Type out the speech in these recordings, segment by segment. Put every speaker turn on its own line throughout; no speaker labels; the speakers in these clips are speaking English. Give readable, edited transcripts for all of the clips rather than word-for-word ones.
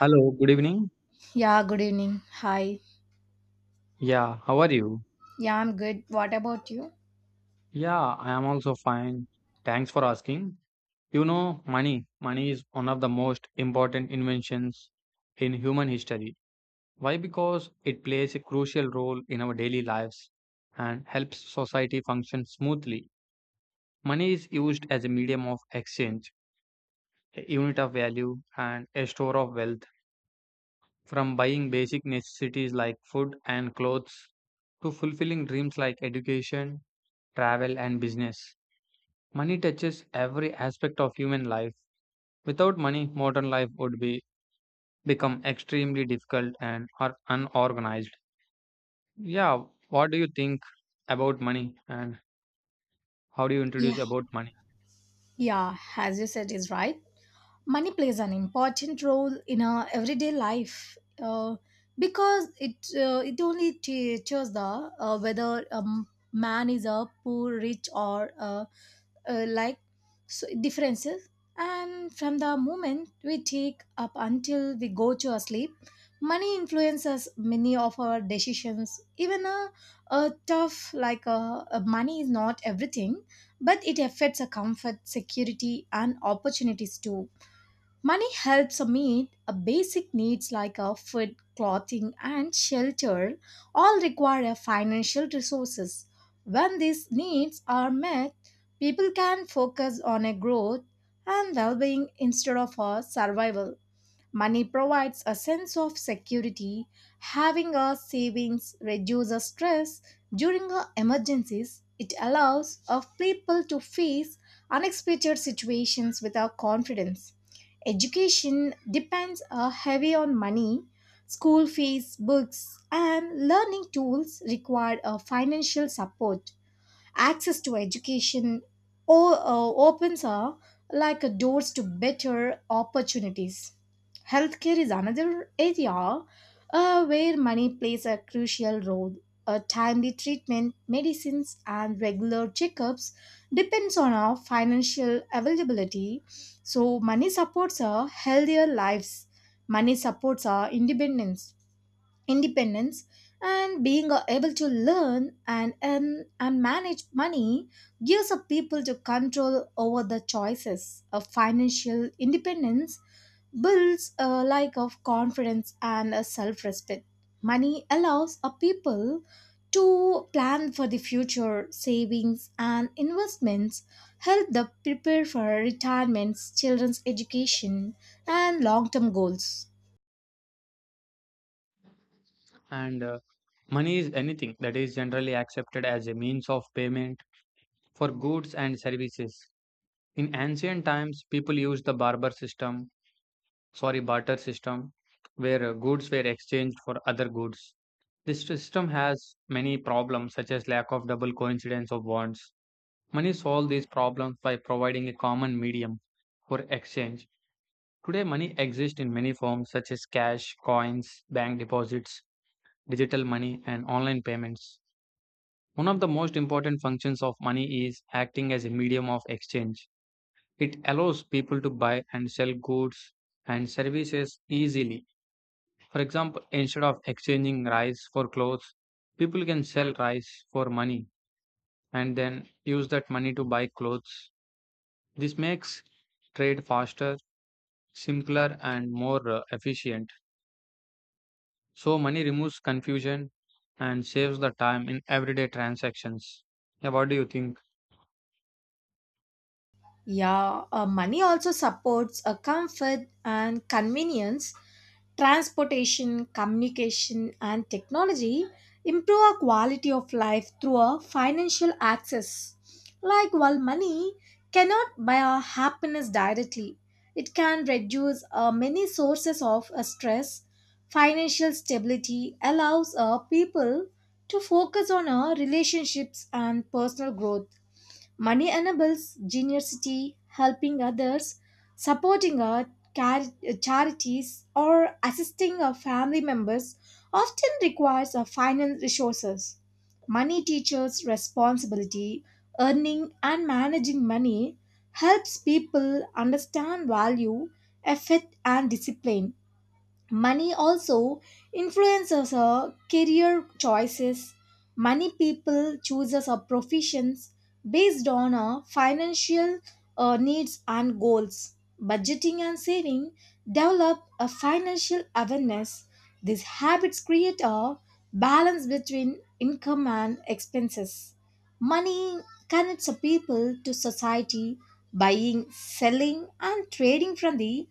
Hello, good evening.
Yeah, good evening. Hi.
Yeah, how are you?
Yeah, I'm good. What about you?
Yeah, I am also fine. Thanks for asking. You know, money. Money is one of the most important inventions in human history. Why? Because it plays a crucial role in our daily lives and helps society function smoothly. Money is used as a medium of exchange, a unit of value, and a store of wealth. From buying basic necessities like food and clothes to fulfilling dreams like education, travel, and business. Money touches every aspect of human life. Without money, modern life would be become extremely difficult and or unorganized. Yeah, what do you think about money and how do you introduce
Yeah.
about money?
Yeah, as you said, is right. Money plays an important role in our everyday life because it only teaches the whether a man is a poor rich or like so differences, and from the moment we take up until we go to our sleep, money influences many of our decisions. Even a tough like a, money is not everything, but it affects our comfort security and opportunities too. Money helps meet a basic needs like a food, clothing, and shelter, all require a financial resources. When these needs are met, people can focus on a growth and well-being instead of a survival. Money provides a sense of security. Having a savings reduces stress during a emergencies. It allows of people to face unexpected situations without confidence. Education depends heavy on money. School fees, books, and learning tools require a financial support access to education opens like doors to better opportunities. Healthcare is another area where money plays a crucial role. Timely treatment, medicines, and regular checkups depends on our financial availability. So money supports our healthier lives. Money supports our independence, and being able to learn and manage money gives a people to control over the choices of financial independence, builds a lack of confidence and a self-respect. Money allows a people to plan for the future. Savings and investments help the prepare for retirements, children's education, and long-term goals.
And money is anything that is generally accepted as a means of payment for goods and services. In ancient times, people used the barter system, sorry, barter system, where goods were exchanged for other goods. This system has many problems such as lack of double coincidence of bonds. Money solves these problems by providing a common medium for exchange. Today money exists in many forms such as cash, coins, bank deposits, digital money and online payments. One of the most important functions of money is acting as a medium of exchange. It allows people to buy and sell goods and services easily. For example, instead of exchanging rice for clothes, people can sell rice for money and then use that money to buy clothes. This makes trade faster, simpler, and more efficient. So, money removes confusion and saves the time in everyday transactions. Yeah, what do you think?
Yeah, money also supports a comfort and convenience. Transportation, communication, and technology improve our quality of life through our financial access. Like, while money cannot buy our happiness directly, it can reduce many sources of stress. Financial stability allows people to focus on our relationships and personal growth. Money enables generosity. Helping others, supporting our char- charities, or assisting our family members often requires our financial resources. Money teaches responsibility. Earning and managing money helps people understand value, effort, and discipline. Money also influences our career choices. Money people chooses our professions based on our financial needs and goals. Budgeting and saving develop a financial awareness. These habits create a balance between income and expenses. Money connects a people to society. Buying, selling, and trading from the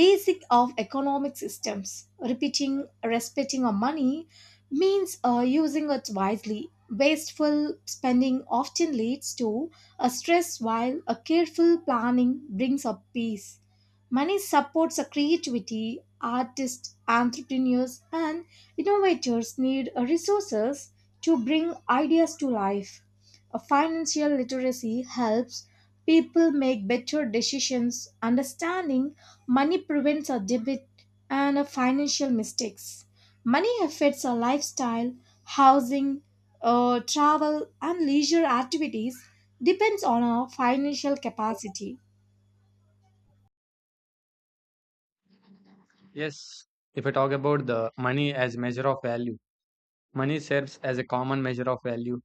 basic of economic systems. Repeating, respecting our money means using it wisely. Wasteful spending often leads to a stress, while a careful planning brings up peace. Money supports a creativity. Artists, entrepreneurs, and innovators need resources to bring ideas to life. A financial literacy helps people make better decisions. Understanding money prevents a debit and a financial mistakes. Money affects our lifestyle. Housing, travel, and leisure activities depends on our financial capacity.
Yes, if I talk about the money as measure of value, money serves as a common measure of value,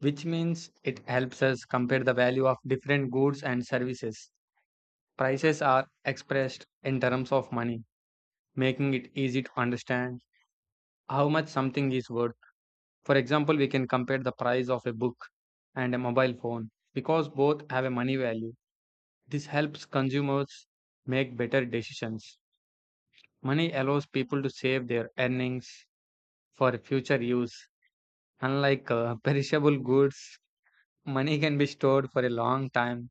which means it helps us compare the value of different goods and services. Prices are expressed in terms of money, making it easy to understand how much something is worth. For example, we can compare the price of a book and a mobile phone because both have a money value. This helps consumers make better decisions. Money allows people to save their earnings for future use. Unlike perishable goods, money can be stored for a long time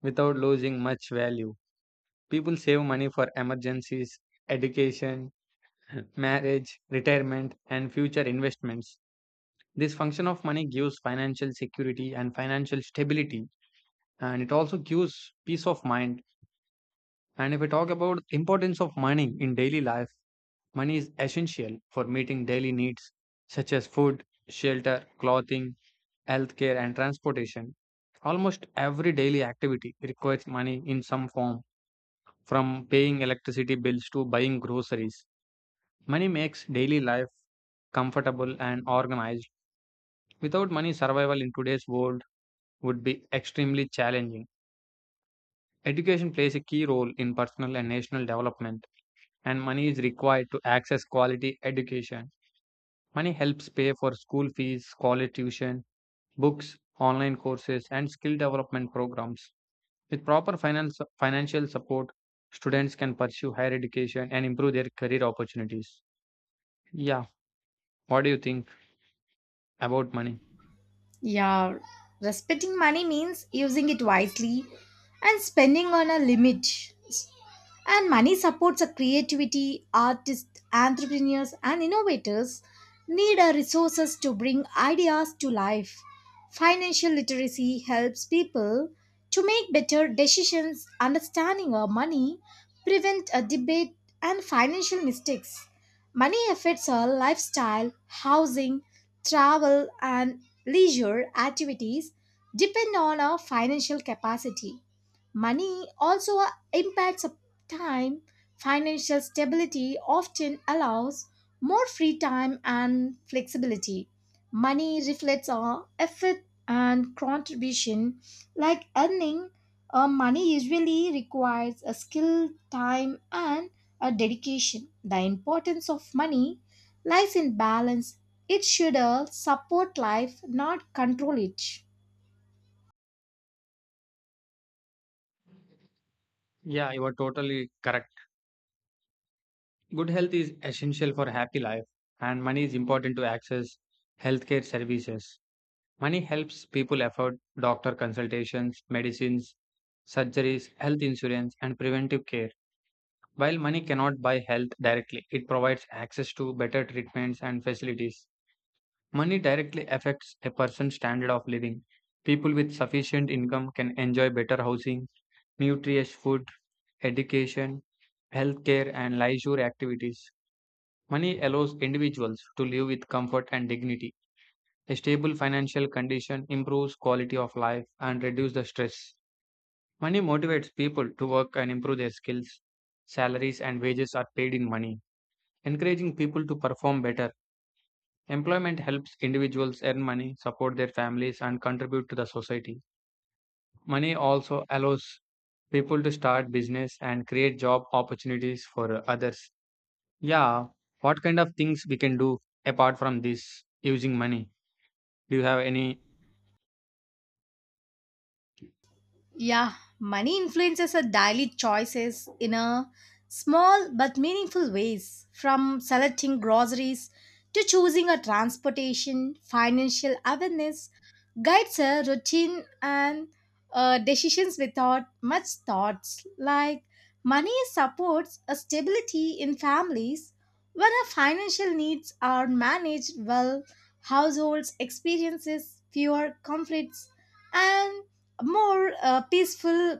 without losing much value. People save money for emergencies, education, marriage, retirement, and future investments. This function of money gives financial security and financial stability and it also gives peace of mind. And if we talk about importance of money in daily life, money is essential for meeting daily needs such as food, shelter, clothing, healthcare, and transportation. Almost every daily activity requires money in some form, from paying electricity bills to buying groceries. Money makes daily life comfortable and organized. Without money, survival in today's world would be extremely challenging. Education plays a key role in personal and national development and money is required to access quality education. Money helps pay for school fees, scholar tuition, books, online courses, and skill development programs. With proper finance, financial support, students can pursue higher education and improve their career opportunities. Yeah, what do you think about money?
Yeah, respecting money means using it wisely and spending on a limit. And money supports a creativity. Artists, entrepreneurs, and innovators need our resources to bring ideas to life. Financial literacy helps people to make better decisions, understanding our money, prevent a debate, and financial mistakes. Money affects our lifestyle, housing, travel, and leisure activities depend on our financial capacity. Money also impacts our time. Financial stability often allows more free time and flexibility. Money reflects our effort and contribution, like earning money usually requires a skill, time, and a dedication. The importance of money lies in balance. It should support life, not control it.
Yeah, you are totally correct. Good health is essential for happy life, and money is important to access healthcare services. Money helps people afford doctor consultations, medicines, surgeries, health insurance, and preventive care. While money cannot buy health directly, it provides access to better treatments and facilities. Money directly affects a person's standard of living. People with sufficient income can enjoy better housing, nutritious food, education, healthcare, and leisure activities. Money allows individuals to live with comfort and dignity. A stable financial condition improves quality of life and reduces the stress. Money motivates people to work and improve their skills. Salaries and wages are paid in money, encouraging people to perform better. Employment helps individuals earn money, support their families, and contribute to the society. Money also allows people to start business and create job opportunities for others. Yeah, what kind of things we can do apart from this using money? Do you have any?
Yeah, money influences our daily choices in a small but meaningful ways, from selecting groceries to choosing a transportation. Financial awareness guides our routine and decisions without much thoughts. Like, money supports a stability in families. When our financial needs are managed well, households experiences fewer conflicts and more peaceful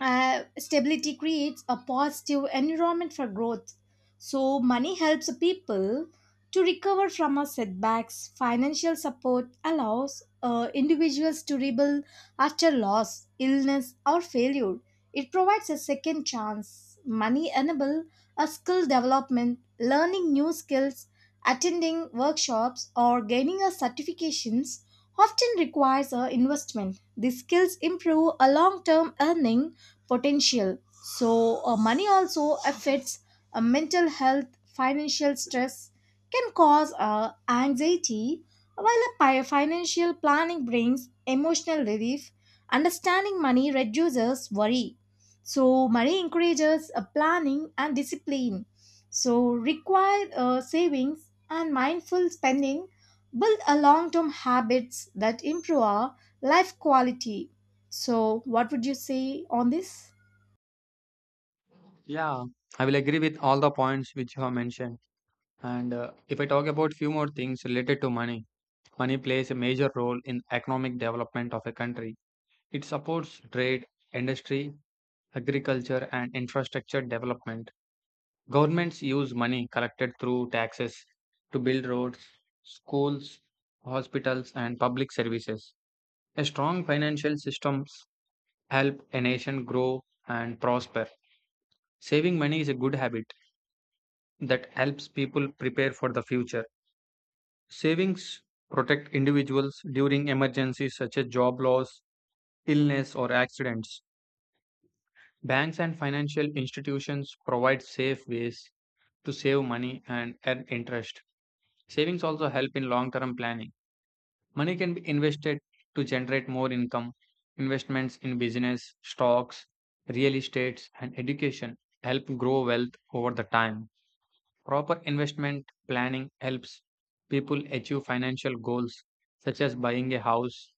stability creates a positive environment for growth. So, money helps people to recover from our setbacks. Financial support allows individuals to rebuild after loss, illness, or failure. It provides a second chance. Money enables a skill development. Learning new skills, attending workshops, or gaining a certifications often requires a investment. These skills improve a long-term earning potential. So, money also affects mental health. Financial stress can cause anxiety, while a financial planning brings emotional relief. Understanding money reduces worry. So, money encourages planning and discipline. So, required savings and mindful spending build a long term habits that improve our life quality. So, what would you say on this?
Yeah, I will agree with all the points which you have mentioned. And if I talk about few more things related to money, money plays a major role in economic development of a country. It supports trade, industry, agriculture, and infrastructure development. Governments use money collected through taxes to build roads, schools, hospitals, and public services. A strong financial systems help a nation grow and prosper. Saving money is a good habit that helps people prepare for the future. Savings protect individuals during emergencies such as job loss, illness, or accidents. Banks and financial institutions provide safe ways to save money and earn interest. Savings also help in long term planning. Money can be invested to generate more income. Investments in business, stocks, real estates, and education help grow wealth over the time. Proper investment planning helps people achieve financial goals such as buying a house,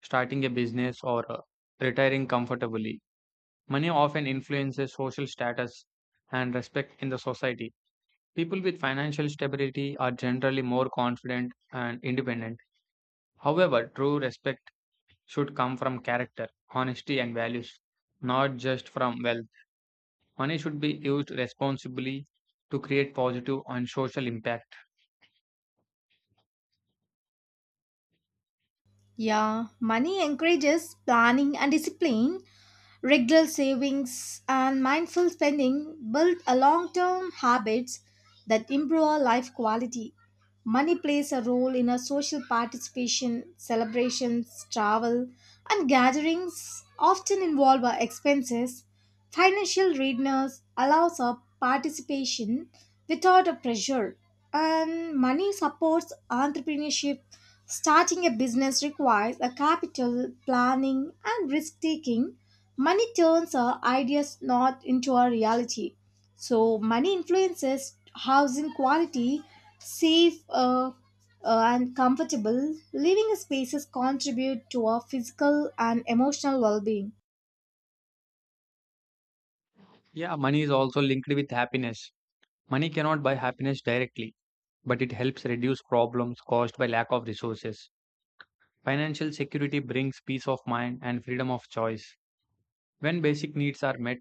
starting a business, or retiring comfortably. Money often influences social status and respect in the society. People with financial stability are generally more confident and independent. However, true respect should come from character, honesty, and values, not just from wealth. Money should be used responsibly to create positive and social impact.
Yeah, money encourages planning and discipline. Regular savings and mindful spending build a long-term habits that improve our life quality. Money plays a role in our social participation. Celebrations, travel, and gatherings often involve our expenses. Financial readiness allows a participation without a pressure, and money supports entrepreneurship. Starting a business requires a capital, planning, and risk taking. Money turns our ideas not into a reality. So, money influences housing quality. Safe, and comfortable living spaces contribute to our physical and emotional well being.
Yeah, money is also linked with happiness. Money cannot buy happiness directly, but it helps reduce problems caused by lack of resources. Financial security brings peace of mind and freedom of choice. When basic needs are met,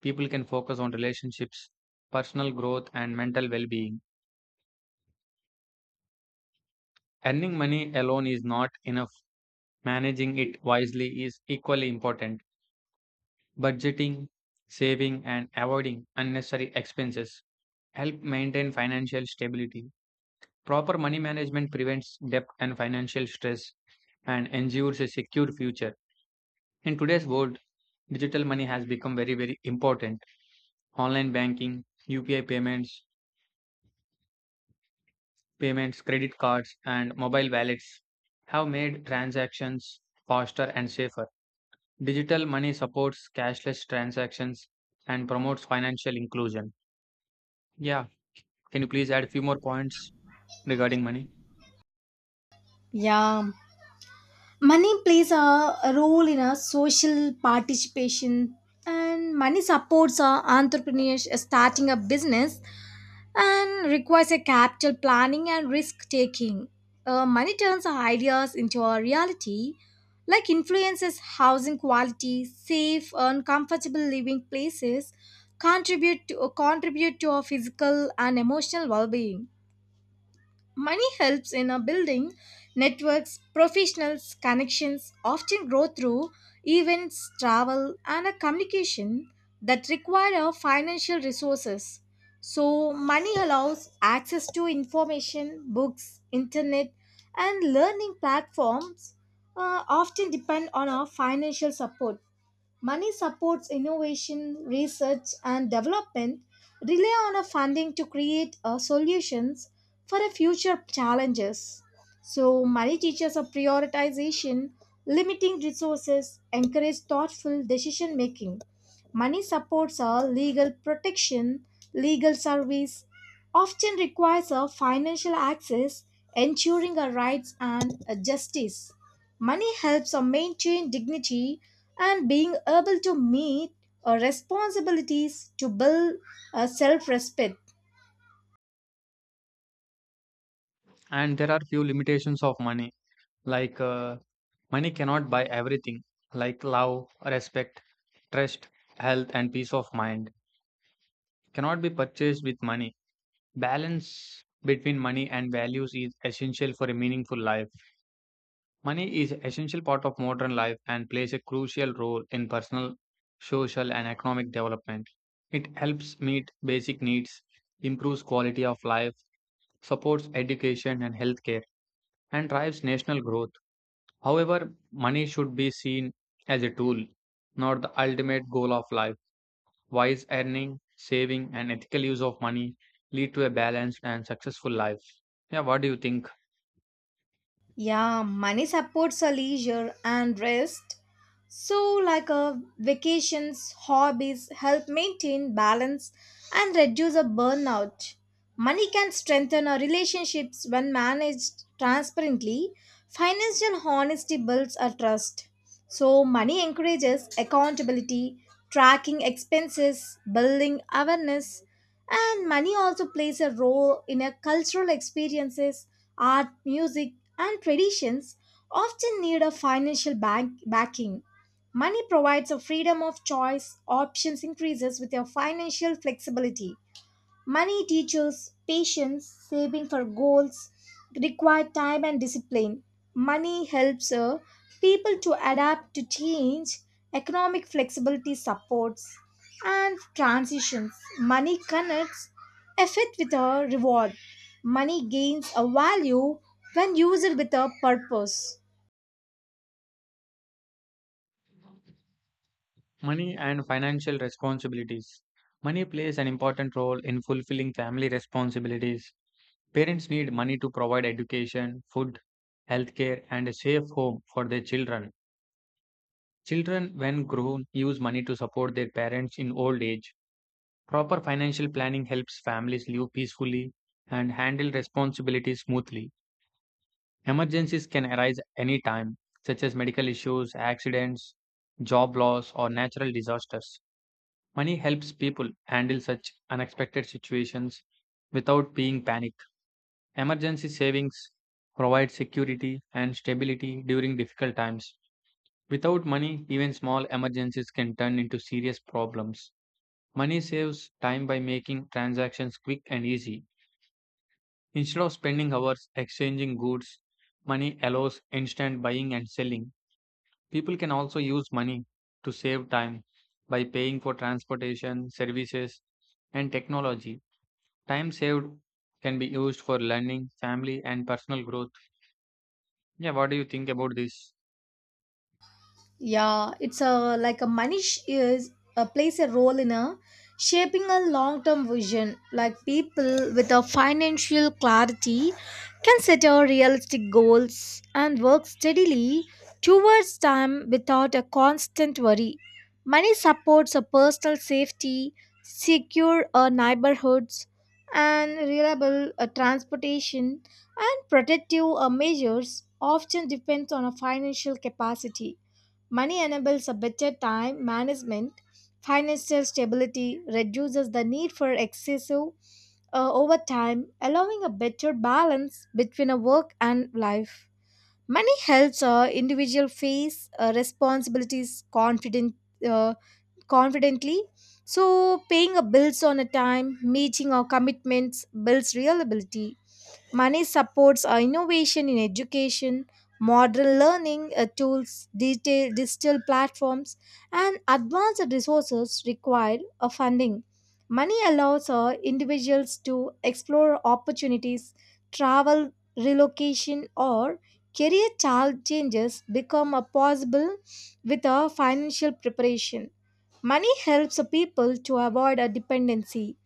people can focus on relationships, personal growth, and mental well being. Earning money alone is not enough. Managing it wisely is equally important. Budgeting, saving, and avoiding unnecessary expenses help maintain financial stability. Proper money management prevents debt and financial stress and ensures a secure future. In today's world, digital money has become very, very important. Online banking, UPI payments, payments, credit cards, and mobile wallets have made transactions faster and safer. Digital money supports cashless transactions and promotes financial inclusion. Yeah, can you please add a few more points regarding money?
Yeah, money plays a role in our social participation, and money supports our entrepreneurs. Starting a business and requires a capital planning and risk taking. Money turns our ideas into a reality, like influences housing quality, safe and comfortable living places contribute to our physical and emotional well-being. Money helps in a building networks. Professionals, connections often grow through events, travel, and a communication that require financial resources. So, money allows access to information. Books, internet, and learning platforms often depend on our financial support. Money supports innovation, research, and development, rely on a funding to create solutions for a future challenges. So, money teaches a prioritization. Limiting resources, encourage thoughtful decision making. Money supports a legal protection. Legal service often requires a financial access, ensuring our rights and a justice. Money helps us maintain dignity, and being able to meet our responsibilities to build a self respect.
And there are few limitations of money, like money cannot buy everything, like love, respect, trust, health, and peace of mind. Cannot be purchased with money. Balance between money and values is essential for a meaningful life. Money is essential part of modern life and plays a crucial role in personal, social, and economic development. It helps meet basic needs, improves quality of life, supports education and healthcare, and drives national growth. However, money should be seen as a tool, not the ultimate goal of life. Wise earning, saving, and ethical use of money lead to a balanced and successful life. Yeah, what do you think?
Yeah, money supports our leisure and rest. So, like, vacations, hobbies help maintain balance and reduce a burnout. Money can strengthen our relationships when managed transparently. Financial honesty builds our trust. So, money encourages accountability, tracking expenses, building awareness. And money also plays a role in our cultural experiences. Art, music, and traditions often need a backing. Money provides a freedom of choice. Options increases with your financial flexibility. Money teaches patience. Saving for goals require time and discipline. Money helps people to adapt to change. Economic flexibility supports, and transitions. Money connects effort with a reward. Money gains a value when used with a purpose.
Money and financial responsibilities. Money plays an important role in fulfilling family responsibilities. Parents need money to provide education, food, healthcare, and a safe home for their children. Children, when grown, use money to support their parents in old age. Proper financial planning helps families live peacefully and handle responsibilities smoothly. Emergencies can arise any time, such as medical issues, accidents, job loss, or natural disasters. Money helps people handle such unexpected situations without being panicked. Emergency savings provide security and stability during difficult times. Without money, even small emergencies can turn into serious problems. Money saves time by making transactions quick and easy. Instead of spending hours exchanging goods, money allows instant buying and selling. People can also use money to save time by paying for transportation, services, and technology. Time saved can be used for learning, family, and personal growth. Yeah, what do you think about this?
Yeah, it's a like a money sh- is plays a role in a shaping a long-term vision. Like, people with a financial clarity can set a realistic goals and work steadily towards them without a constant worry. Money supports a personal safety. Secure neighborhoods, and reliable transportation and protective measures often depends on a financial capacity. Money enables a better time management. Financial stability reduces the need for excessive overtime, allowing a better balance between a work and life. Money helps individual face responsibilities uh, confidently. So, paying a bills on a time, meeting our commitments builds reliability. Money supports innovation in education. Modern learning tools, detail, digital platforms, and advanced resources require of funding. Money allows individuals to explore opportunities. Travel, relocation, or career child changes become possible with a financial preparation. Money helps people to avoid a dependency.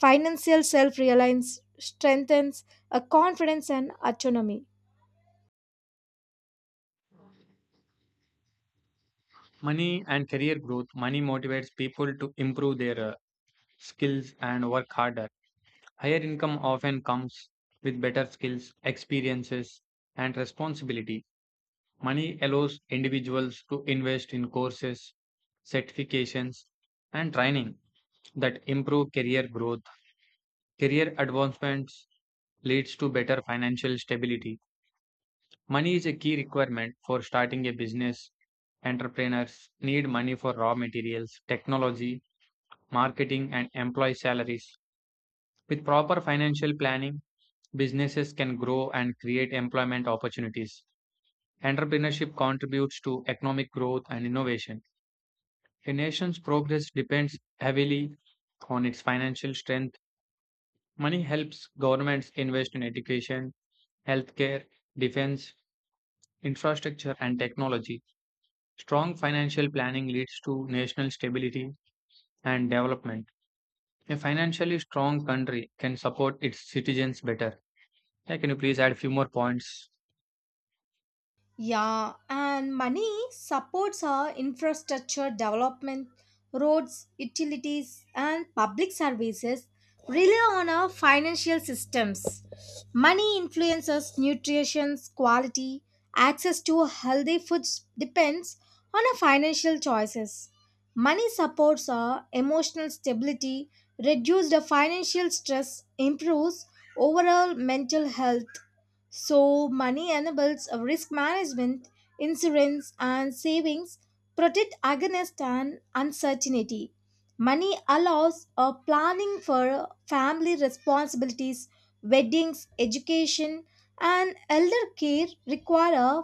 Financial self reliance strengthens a confidence and autonomy.
Money and career growth. Money motivates people to improve their skills and work harder. Higher income often comes with better skills, experiences, and responsibility. Money allows individuals to invest in courses, certifications, and training that improve career growth. Career advancements leads to better financial stability. Money is a key requirement for starting a business. Entrepreneurs need money for raw materials, technology, marketing, and employee salaries. With proper financial planning, businesses can grow and create employment opportunities. Entrepreneurship contributes to economic growth and innovation. A nation's progress depends heavily on its financial strength. Money helps governments invest in education, healthcare, defense, infrastructure, and technology. Strong financial planning leads to national stability and development. A financially strong country can support its citizens better. Yeah, can you please add a few more points?
Yeah, and money supports our infrastructure development. Roads, utilities, and public services rely on our financial systems. Money influences nutrition quality. Access to healthy foods depends on our financial choices. Money supports our emotional stability, reduces the financial stress, improves overall mental health. So, money enables a risk management. Insurance, and savings protect against an uncertainty. Money allows a planning for family responsibilities. Weddings, education, and elder care require a